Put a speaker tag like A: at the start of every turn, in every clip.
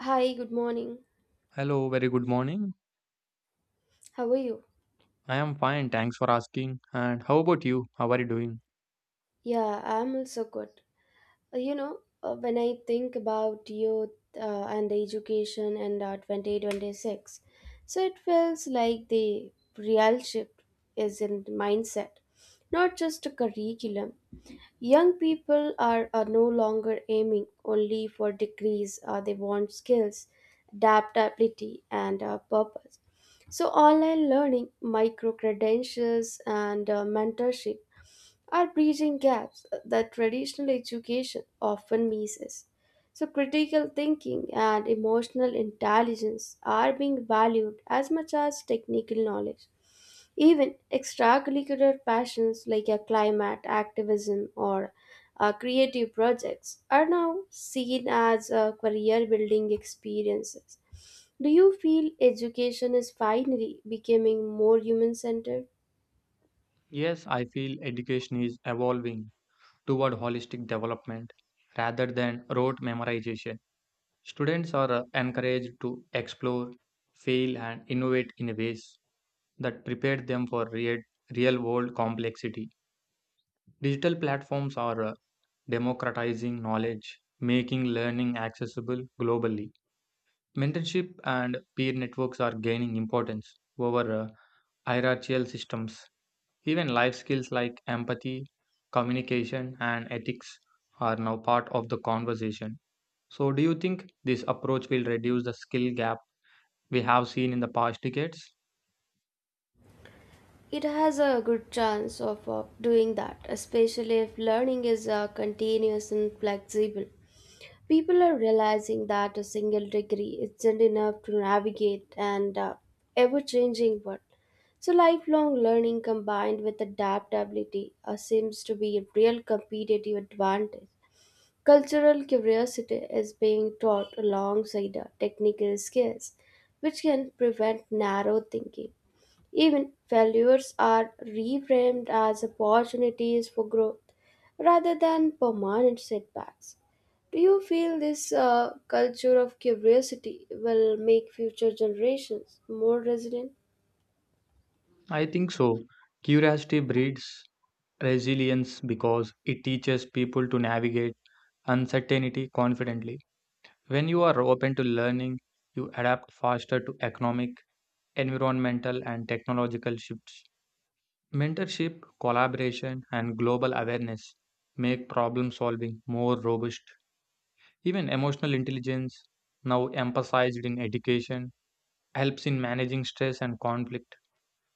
A: Hi, good morning.
B: Hello, very good morning.
A: How are you?
B: I am fine, thanks for asking. And how about you? How are you doing?
A: Yeah, I'm also good. When I think about youth and education and 2026, so it feels like the real shift is in mindset, not just a curriculum. Young people are no longer aiming only for degrees. They want skills, adaptability, and purpose. So, online learning, micro credentials, and mentorship are bridging gaps that traditional education often misses. So, critical thinking and emotional intelligence are being valued as much as technical knowledge. Even extracurricular passions like a climate activism or creative projects are now seen as career building experiences. Do you feel education is finally becoming more human centered?
B: Yes, I feel education is evolving toward holistic development rather than rote memorization. Students are encouraged to explore, fail, and innovate in ways that prepare them for real world complexity. Digital platforms are democratizing knowledge, making learning accessible globally. Mentorship and peer networks are gaining importance over hierarchical systems. Even life skills like empathy, communication, and ethics are now part of the conversation. So, do you think this approach will reduce the skill gap we have seen in the past decades?
A: It has a good chance of doing that, especially if learning is continuous and flexible. People are realizing that a single degree isn't enough to navigate an ever changing world. So, lifelong learning combined with adaptability seems to be a real competitive advantage. Cultural curiosity is being taught alongside technical skills, which can prevent narrow thinking. Even failures are reframed as opportunities for growth rather than permanent setbacks. Do you feel this culture of curiosity will make future generations more resilient?
B: I think so. Curiosity breeds resilience because it teaches people to navigate uncertainty confidently. When you are open to learning, you adapt faster to economic, environmental, and technological shifts. Mentorship, collaboration, and global awareness make problem solving more robust. Even emotional intelligence, now emphasized in education, helps in managing stress and conflict.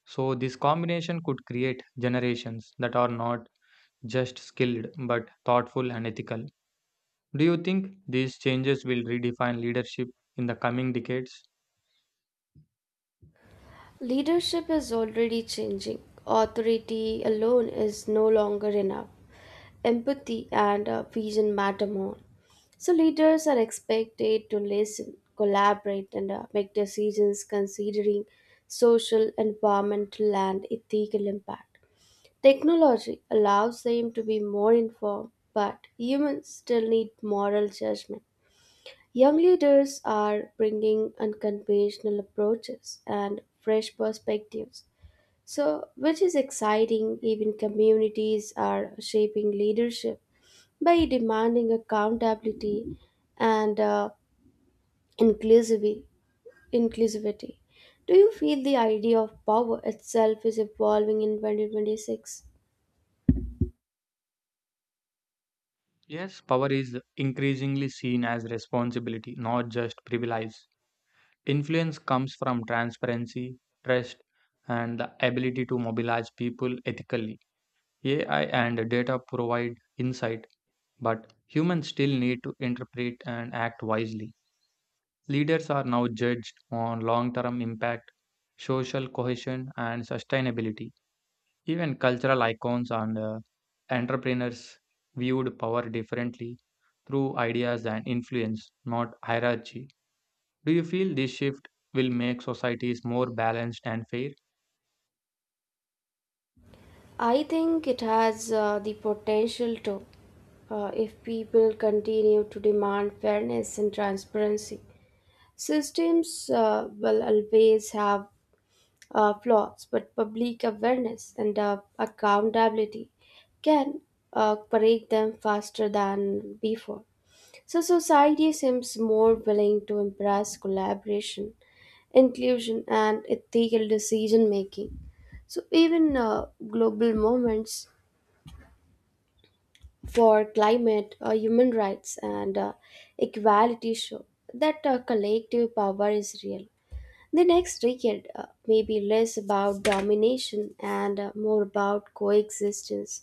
B: So, this combination could create generations that are not just skilled but thoughtful and ethical. Do you think these changes will redefine leadership in the coming decades?
A: Leadership is already changing. Authority alone is no longer enough. Empathy and vision matter more. So, leaders are expected to listen, collaborate, and make decisions considering social, environmental, and ethical impact. Technology allows them to be more informed, but humans still need moral judgment. Young leaders are bringing unconventional approaches and fresh perspectives, so which is exciting. Even communities are shaping leadership by demanding accountability and inclusivi- inclusivity. Do you feel the idea of power itself is evolving in 2026?
B: Yes, power is increasingly seen as responsibility, not just privilege. Influence comes from transparency, trust, and the ability to mobilize people ethically. AI and data provide insight, but humans still need to interpret and act wisely. Leaders are now judged on long term impact, social cohesion, and sustainability. Even cultural icons and entrepreneurs viewed power differently through ideas and influence, not hierarchy. Do you feel this shift will make societies more balanced and fair?
A: I think it has the potential to, if people continue to demand fairness and transparency. Systems will always have flaws, but public awareness and accountability can break them faster than before. So, society seems more willing to embrace collaboration, inclusion, and ethical decision making. So, even global movements for climate, human rights, and equality show that collective power is real. The next decade may be less about domination and more about coexistence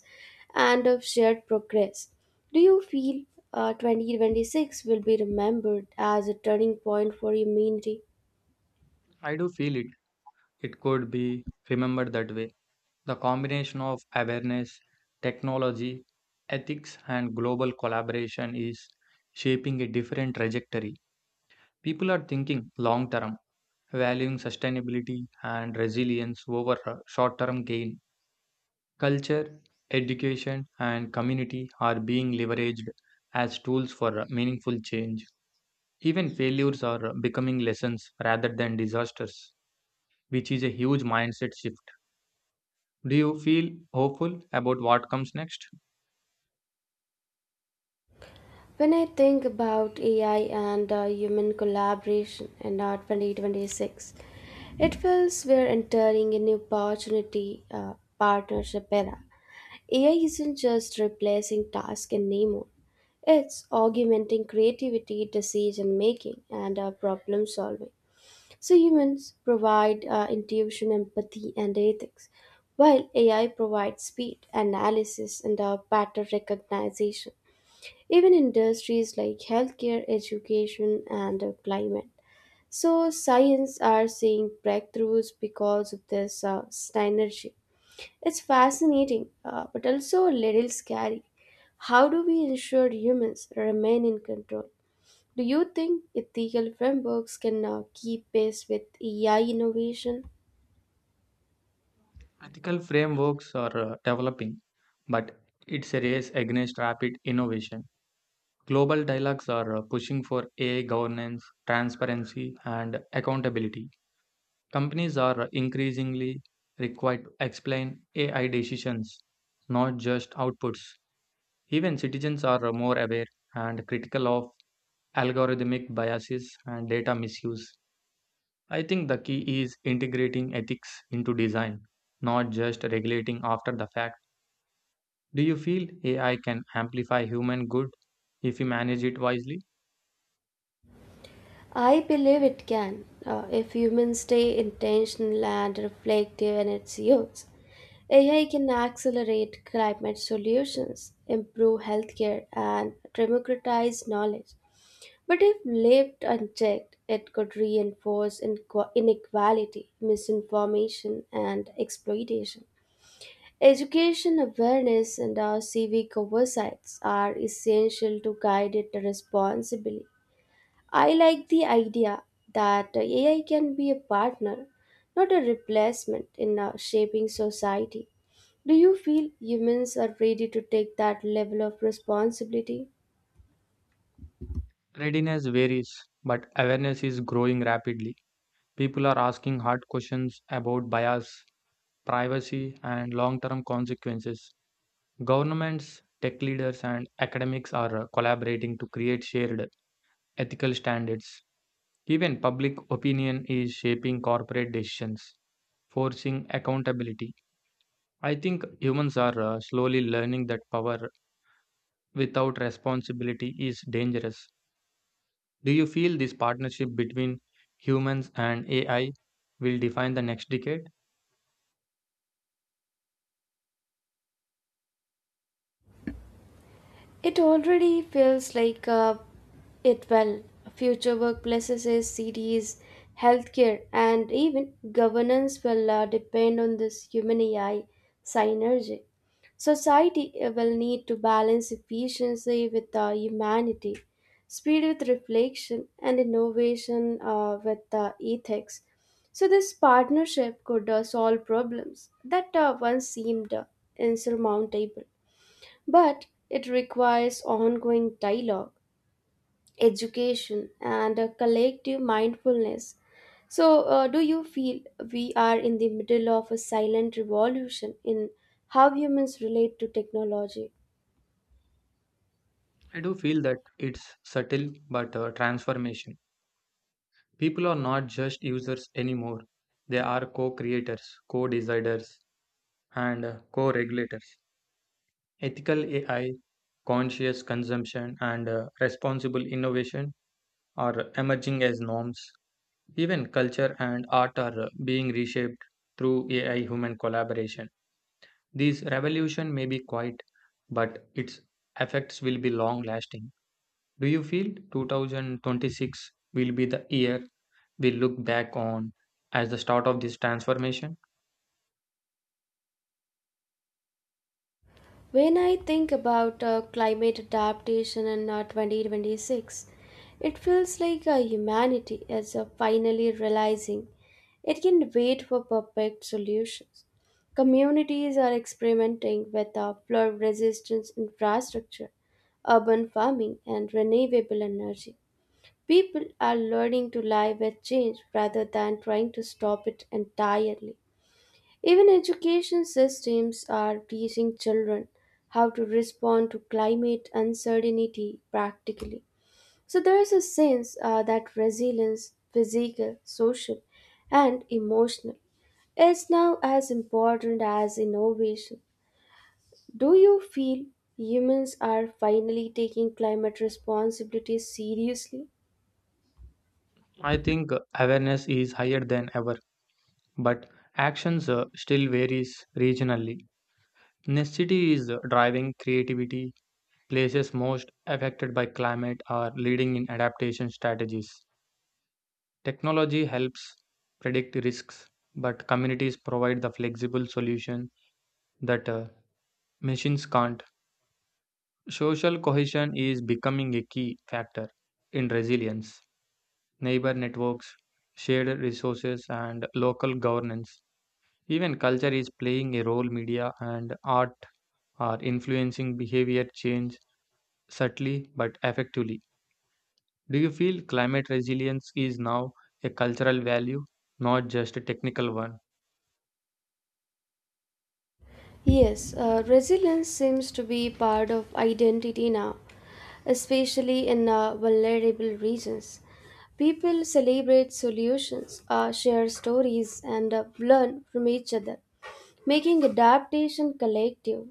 A: and of shared progress. Do you feel 2026 will be remembered as a turning point for humanity?
B: I do feel it. It could be remembered that way. The combination of awareness, technology, ethics, and global collaboration is shaping a different trajectory. People are thinking long term, valuing sustainability and resilience over short term gain. Culture, education, and community are being leveraged as tools for meaningful change. Even failures are becoming lessons rather than disasters, which is a huge mindset shift. Do you feel hopeful about what comes next?
A: When I think about AI and human collaboration in 2026, it feels we're entering a new opportunity partnership era. AI isn't just replacing tasks in name only. It's augmenting creativity, decision making, and problem solving. So humans provide intuition, empathy, and ethics, while AI provides speed, analysis, and pattern recognition. Even industries like healthcare, education, and climate. So science are seeing breakthroughs because of this synergy. It's fascinating, but also a little scary. How do we ensure humans remain in control? Do you think ethical frameworks can now keep pace with AI innovation?
B: Ethical frameworks are developing, but it's a race against rapid innovation. Global dialogues are pushing for AI governance, transparency, and accountability. Companies are increasingly required to explain AI decisions, not just outputs. Even citizens are more aware and critical of algorithmic biases and data misuse. I think the key is integrating ethics into design, not just regulating after the fact. Do you feel AI can amplify human good if we manage it wisely?
A: I believe it can if humans stay intentional and reflective in its use. AI can accelerate climate solutions, improve healthcare, and democratize knowledge. But if left unchecked, it could reinforce inequality, misinformation, and exploitation. Education awareness and our civic oversights are essential to guide it responsibly. I like the idea that AI can be a partner, not a replacement in shaping society. Do you feel humans are ready to take that level of responsibility?
B: Readiness varies, but awareness is growing rapidly. People are asking hard questions about bias privacy, and long term consequences. Governments, tech leaders, and academics are collaborating to create shared ethical standards. Even public opinion is shaping corporate decisions, forcing accountability. I think humans are slowly learning that power without responsibility is dangerous. Do you feel this partnership between humans and AI will define the next decade?
A: It already feels like it well. Future workplaces, cities, healthcare, and even governance will depend on this human AI synergy. Society will need to balance efficiency with humanity, speed with reflection, and innovation with ethics. So, this partnership could solve problems that once seemed insurmountable. But it requires ongoing dialogue, education, and a collective mindfulness. So, do you feel we are in the middle of a silent revolution in how humans relate to technology?
B: I do feel that it's subtle but transformational. People are not just users anymore, they are co creators, co deciders, and co regulators. Ethical AI, conscious consumption, and responsible innovation are emerging as norms. Even culture and art are being reshaped through AI human collaboration. This revolution may be quiet, but its effects will be long lasting. Do you feel 2026 will be the year we look back on as the start of this transformation?
A: When I think about climate adaptation in 2026, it feels like humanity is finally realizing it can wait for perfect solutions. Communities are experimenting with flood resistance infrastructure, urban farming, and renewable energy. People are learning to live with change rather than trying to stop it entirely. Even education systems are teaching children how to respond to climate uncertainty practically. So there is a sense that resilience, physical, social, and emotional, is now as important as innovation. Do you feel humans are finally taking climate responsibilities seriously?
B: I think awareness is higher than ever, but actions still varies regionally. Necessity is driving creativity. Places most affected by climate are leading in adaptation strategies. Technology helps predict risks, but communities provide the flexible solution that machines can't. Social cohesion is becoming a key factor in resilience. Neighbor networks, shared resources, and local governance. Even culture is playing a role, media and art are influencing behavior change subtly but effectively. Do you feel climate resilience is now a cultural value, not just a technical one?
A: Yes, resilience seems to be part of identity now, especially in vulnerable regions. People celebrate solutions, share stories, and learn from each other, making adaptation collective.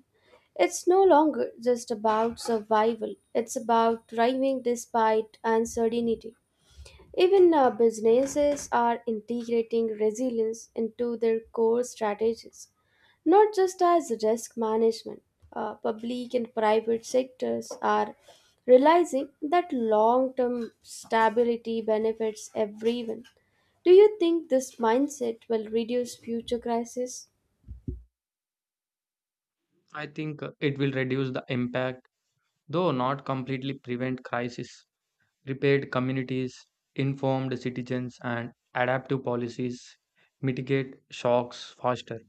A: It's no longer just about survival, it's about thriving despite uncertainty. Even businesses are integrating resilience into their core strategies, not just as risk management. Public and private sectors are realizing that long term stability benefits everyone. Do you think this mindset will reduce future crises?
B: I think it will reduce the impact, though not completely prevent crisis. Repaired communities, informed citizens, and adaptive policies mitigate shocks faster.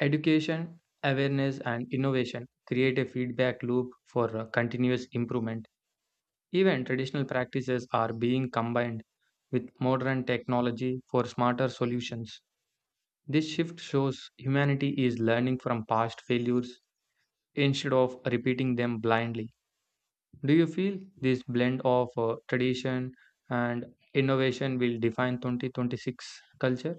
B: Education, awareness, and innovation create a feedback loop for continuous improvement. Even traditional practices are being combined with modern technology for smarter solutions. This shift shows humanity is learning from past failures instead of repeating them blindly. Do you feel this blend of tradition and innovation will define 2026 culture?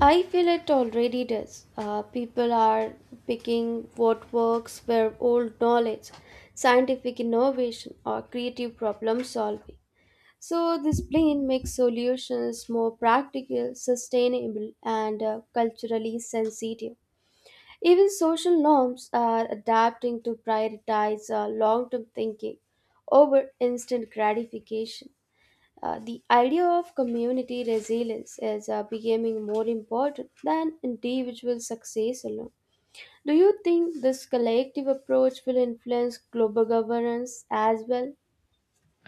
A: I feel it already does. People are picking what works where old knowledge, scientific innovation, or creative problem solving. So, this blend makes solutions more practical, sustainable, and culturally sensitive. Even social norms are adapting to prioritize long term thinking over instant gratification. The idea of community resilience is becoming more important than individual success alone. Do you think this collective approach will influence global governance as well?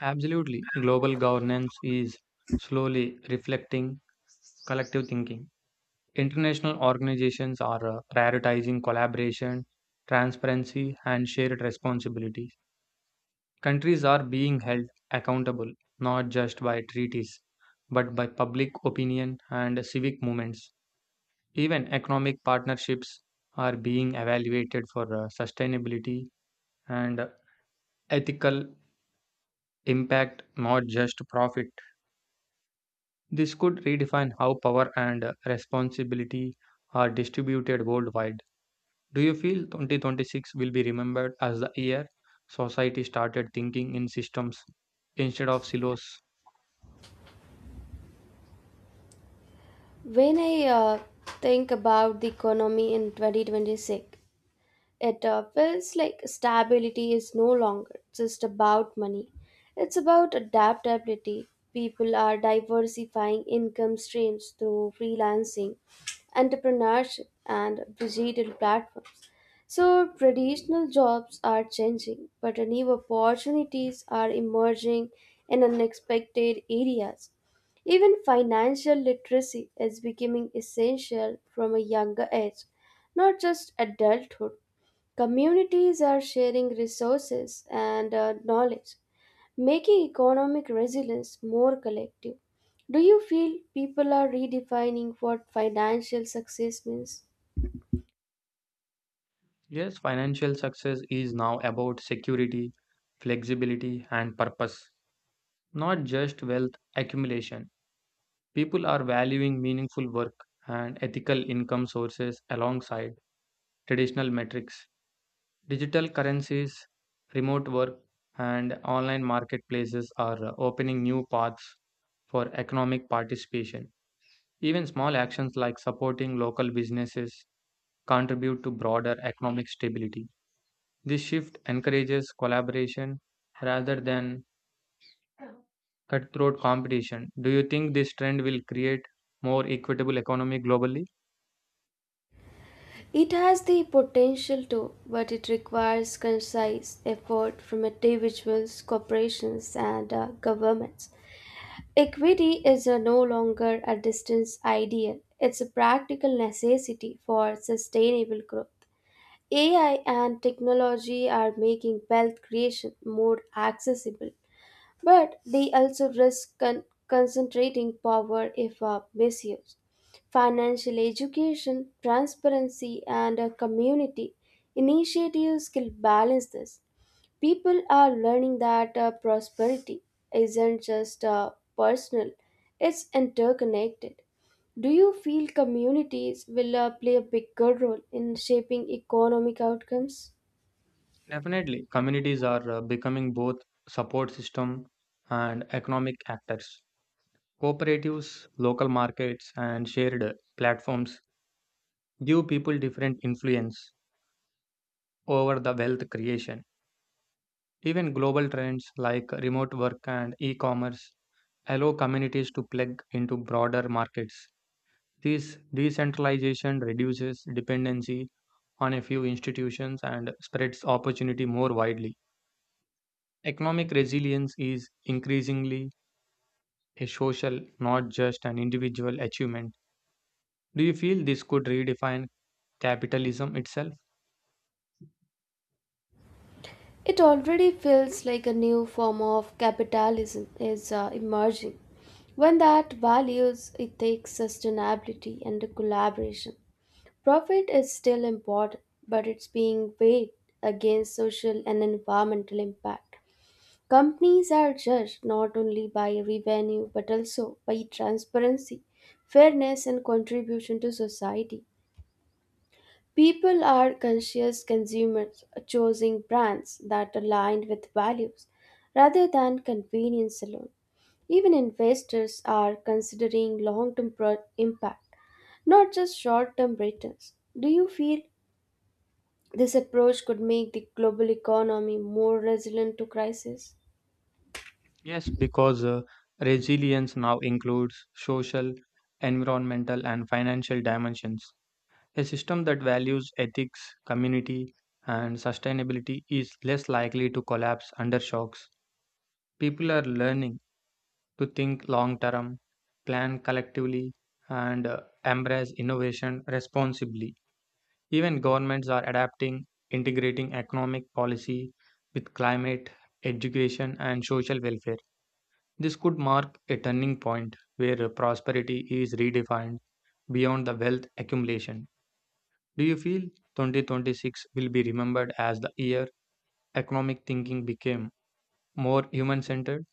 B: Absolutely. Global governance is slowly reflecting collective thinking. International organizations are prioritizing collaboration, transparency, and shared responsibilities. Countries are being held accountable not just by treaties, but by public opinion and civic movements. Even economic partnerships are being evaluated for sustainability and ethical impact, not just profit. This could redefine how power and responsibility are distributed worldwide. Do you feel 2026 will be remembered as the year society started thinking in systems instead of silos?
A: When I think about the economy in 2026, it feels like stability is no longer just about money, it's about adaptability. People are diversifying income streams through freelancing, entrepreneurship, and digital platforms. So, traditional jobs are changing, but new opportunities are emerging in unexpected areas. Even financial literacy is becoming essential from a younger age, not just adulthood. Communities are sharing resources and knowledge, making economic resilience more collective. Do you feel people are redefining what financial success means?
B: Yes, financial success is now about security, flexibility, and purpose, not just wealth accumulation. People are valuing meaningful work and ethical income sources alongside traditional metrics. Digital currencies, remote work, and online marketplaces are opening new paths for economic participation. Even small actions like supporting local businesses contribute to broader economic stability. This shift encourages collaboration rather than cutthroat competition. Do you think this trend will create more equitable economy globally?
A: It has the potential to, but it requires concise effort from individuals, corporations, and governments. Equity is no longer a distant ideal, it's a practical necessity for sustainable growth. AI and technology are making wealth creation more accessible, but they also risk concentrating power if misused. Financial education, transparency, and community initiatives can balance this. People are learning that prosperity isn't just personal, it's interconnected. Do you feel communities will play a bigger role in shaping economic outcomes?
B: Definitely, communities are becoming both support system and economic actors. Cooperatives, local markets, and shared platforms give people different influence over the wealth creation. Even global trends like remote work and e-commerce allow communities to plug into broader markets. This decentralization reduces dependency on a few institutions and spreads opportunity more widely. Economic resilience is increasingly a social, not just an individual achievement. Do you feel this could redefine capitalism itself?
A: It already feels like a new form of capitalism is emerging, one that values ethics, sustainability, and collaboration. Profit is still important, but it's being weighed against social and environmental impact. Companies are judged not only by revenue but also by transparency, fairness, and contribution to society. People are conscious consumers, choosing brands that align with values rather than convenience alone. Even investors are considering long term impact, not just short term returns. Do you feel this approach could make the global economy more resilient to crisis?
B: Yes, because resilience now includes social, environmental, and financial dimensions. A system that values ethics, community, and sustainability is less likely to collapse under shocks. People are learning to think long term, plan collectively, and embrace innovation responsibly. Even governments are adapting, integrating economic policy with climate, education, and social welfare. This could mark a turning point where prosperity is redefined beyond the wealth accumulation. Do you feel 2026 will be remembered as the year economic thinking became more human centered?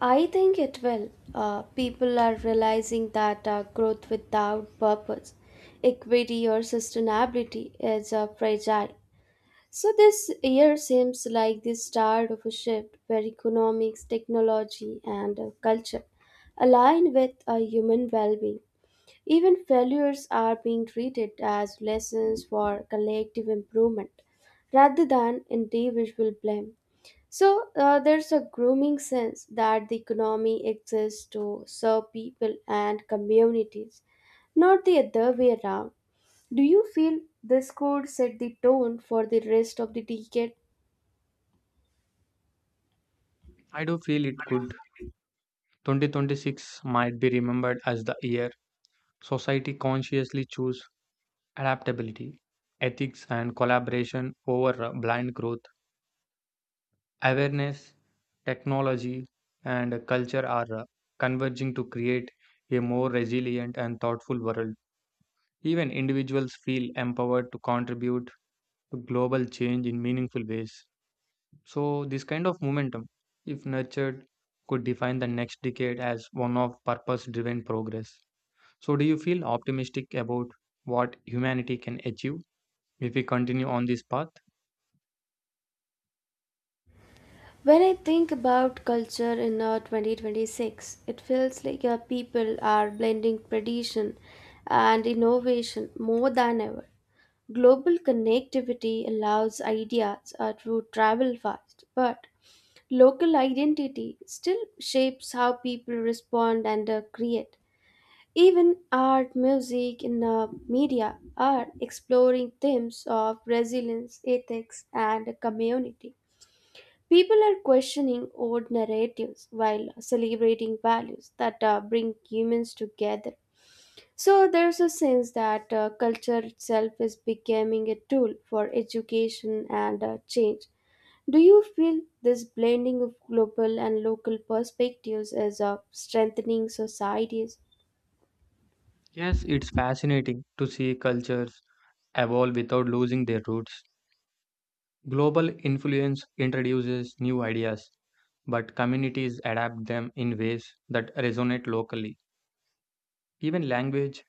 A: I think it will. People are realizing that growth without purpose, equity, or sustainability is fragile. So, this year seems like the start of a shift where economics, technology, and culture align with a human well being. Even failures are being treated as lessons for collective improvement rather than individual blame. So, there's a grooming sense that the economy exists to serve people and communities, not the other way around. Do you feel this could set the tone for the rest of the decade?
B: I do feel it could. 2026 might be remembered as the year society consciously chose adaptability, ethics, and collaboration over blind growth. Awareness, technology, and culture are converging to create a more resilient and thoughtful world. Even individuals feel empowered to contribute to global change in meaningful ways. So, this kind of momentum, if nurtured, could define the next decade as one of purpose driven progress. So, do you feel optimistic about what humanity can achieve if we continue on this path?
A: When I think about culture in 2026, it feels like people are blending tradition and innovation more than ever. Global connectivity allows ideas to travel fast, but local identity still shapes how people respond and create. Even art, music, and media are exploring themes of resilience, ethics, and community. People are questioning old narratives while celebrating values that bring humans together. So there's a sense that culture itself is becoming a tool for education and change. Do you feel this blending of global and local perspectives is strengthening societies?
B: Yes, it's fascinating to see cultures evolve without losing their roots. Global influence introduces new ideas, but communities adapt them in ways that resonate locally. Even language,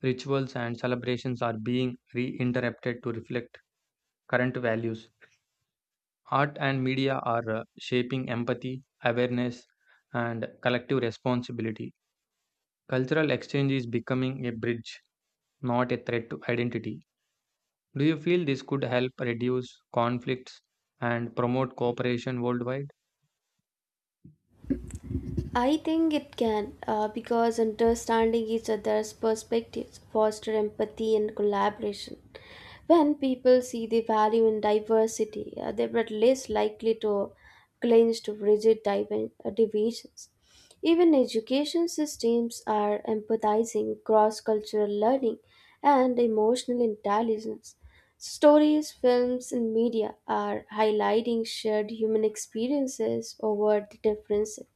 B: rituals, and celebrations are being reinterpreted to reflect current values. Art and media are shaping empathy, awareness, and collective responsibility. Cultural exchange is becoming a bridge, not a threat to identity. Do you feel this could help reduce conflicts and promote cooperation worldwide?
A: I think it can, because understanding each other's perspectives foster empathy and collaboration. When people see the value in diversity, they are less likely to cling to rigid divisions. Even education systems are empathizing, cross-cultural learning, and emotional intelligence. Stories, films, and media are highlighting shared human experiences over the differences.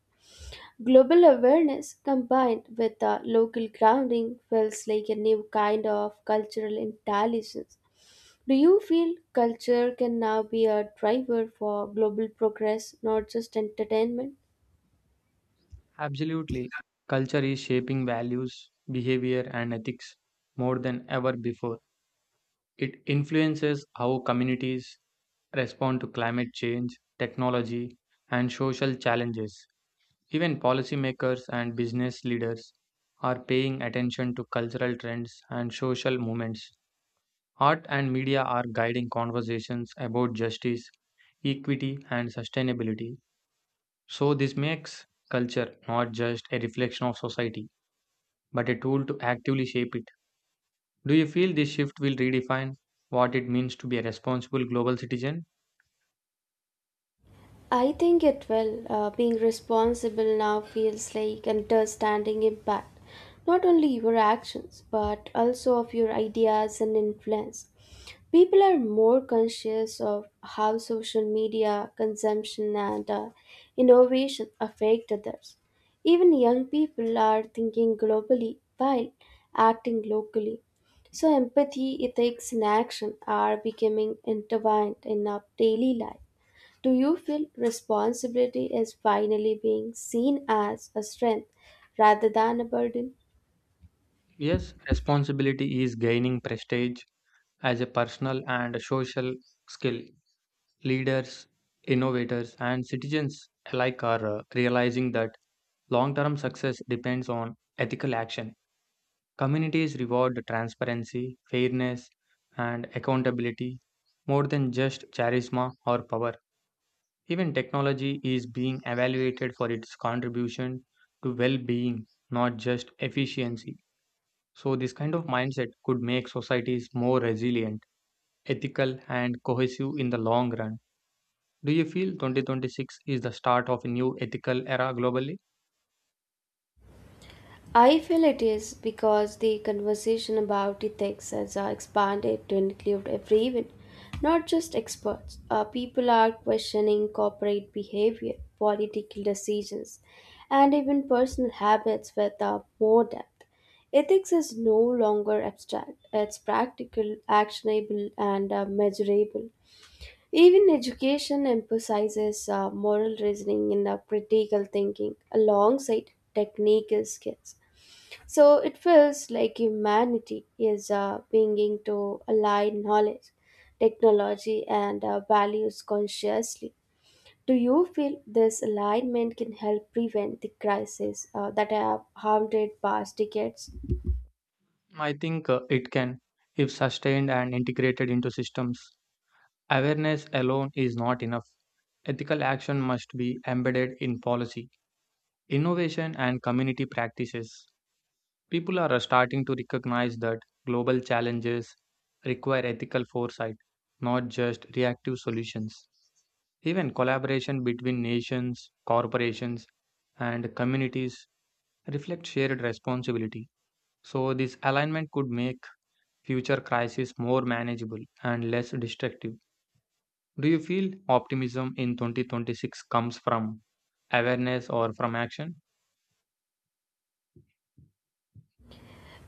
A: Global awareness combined with a local grounding feels like a new kind of cultural intelligence. Do you feel culture can now be a driver for global progress, not just entertainment?
B: Absolutely. Culture is shaping values, behavior, and ethics more than ever before. It influences how communities respond to climate change, technology, and social challenges. Even policymakers and business leaders are paying attention to cultural trends and social movements. Art and media are guiding conversations about justice, equity, and sustainability. So, this makes culture not just a reflection of society, but a tool to actively shape it. Do you feel this shift will redefine what it means to be a responsible global citizen?
A: I think it will. Being responsible now feels like understanding impact, not only your actions, but also of your ideas and influence. People are more conscious of how social media consumption and innovation affect others. Even young people are thinking globally while acting locally. So, empathy, ethics, and action are becoming intertwined in our daily life. Do you feel responsibility is finally being seen as a strength rather than a burden?
B: Yes, responsibility is gaining prestige as a personal and a social skill. Leaders, innovators, and citizens alike are realizing that long term success depends on ethical action. Communities reward transparency, fairness, and accountability more than just charisma or power. Even technology is being evaluated for its contribution to well being, not just efficiency. So, this kind of mindset could make societies more resilient, ethical, and cohesive in the long run. Do you feel 2026 is the start of a new ethical era globally?
A: I feel it is because the conversation about ethics has expanded to include everyone, not just experts. People are questioning corporate behavior, political decisions, and even personal habits with more depth. Ethics is no longer abstract, it's practical, actionable, and measurable. Even education emphasizes moral reasoning and critical thinking alongside technical skills. So it feels like humanity is beginning to align knowledge, technology, and values consciously. Do you feel this alignment can help prevent the crisis that have haunted past decades?
B: I think it can, if sustained and integrated into systems. Awareness alone is not enough. Ethical action must be embedded in policy, innovation, and community practices. People are starting to recognize that global challenges require ethical foresight, not just reactive solutions. Even collaboration between nations, corporations, and communities reflect shared responsibility. So, this alignment could make future crises more manageable and less destructive. Do you feel optimism in 2026 comes from awareness or from action?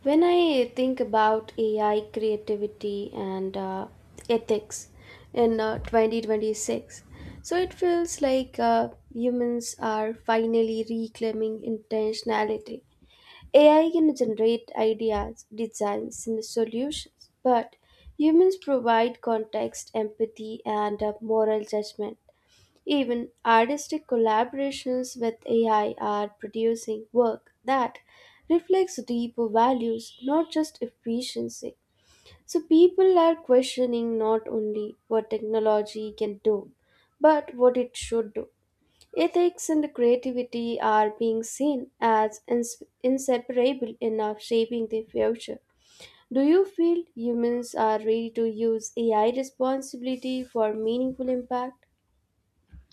A: When I think about AI creativity and ethics in 2026, so it feels like humans are finally reclaiming intentionality. AI can generate ideas, designs, and solutions, but humans provide context, empathy, and moral judgment. Even artistic collaborations with AI are producing work that reflects deeper values, not just efficiency. So people are questioning not only what technology can do, but what it should do. Ethics and creativity are being seen as inseparable enough shaping the future. Do you feel humans are ready to use AI responsibility for meaningful impact?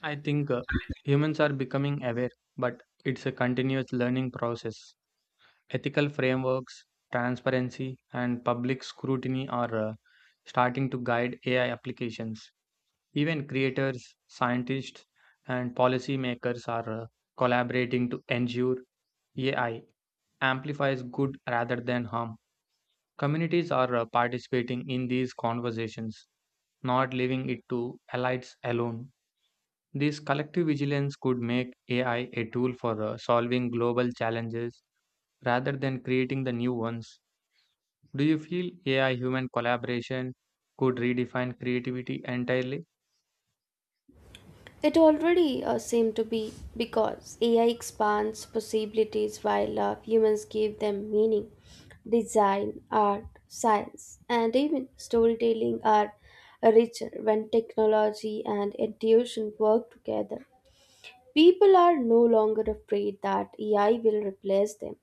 B: I think humans are becoming aware, but it's a continuous learning process. Ethical frameworks, transparency, and public scrutiny are starting to guide AI applications. Even creators, scientists, and policymakers are collaborating to ensure AI amplifies good rather than harm. Communities are participating in these conversations, not leaving it to elites alone. This collective vigilance could make AI a tool for solving global challenges rather than creating the new ones. Do you feel AI human collaboration could redefine creativity entirely?
A: It already seemed to be because AI expands possibilities while humans give them meaning. Design, art, science, and even storytelling are richer when technology and intuition work together. People are no longer afraid that AI will replace them,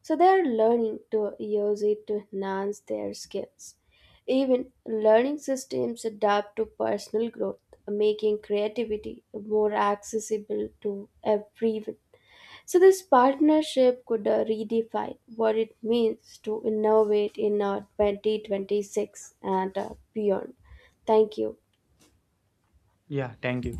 A: so they are learning to use it to enhance their skills. Even learning systems adapt to personal growth, making creativity more accessible to everyone. So, this partnership could redefine what it means to innovate in 2026 and beyond. Thank you.
B: Yeah, thank you.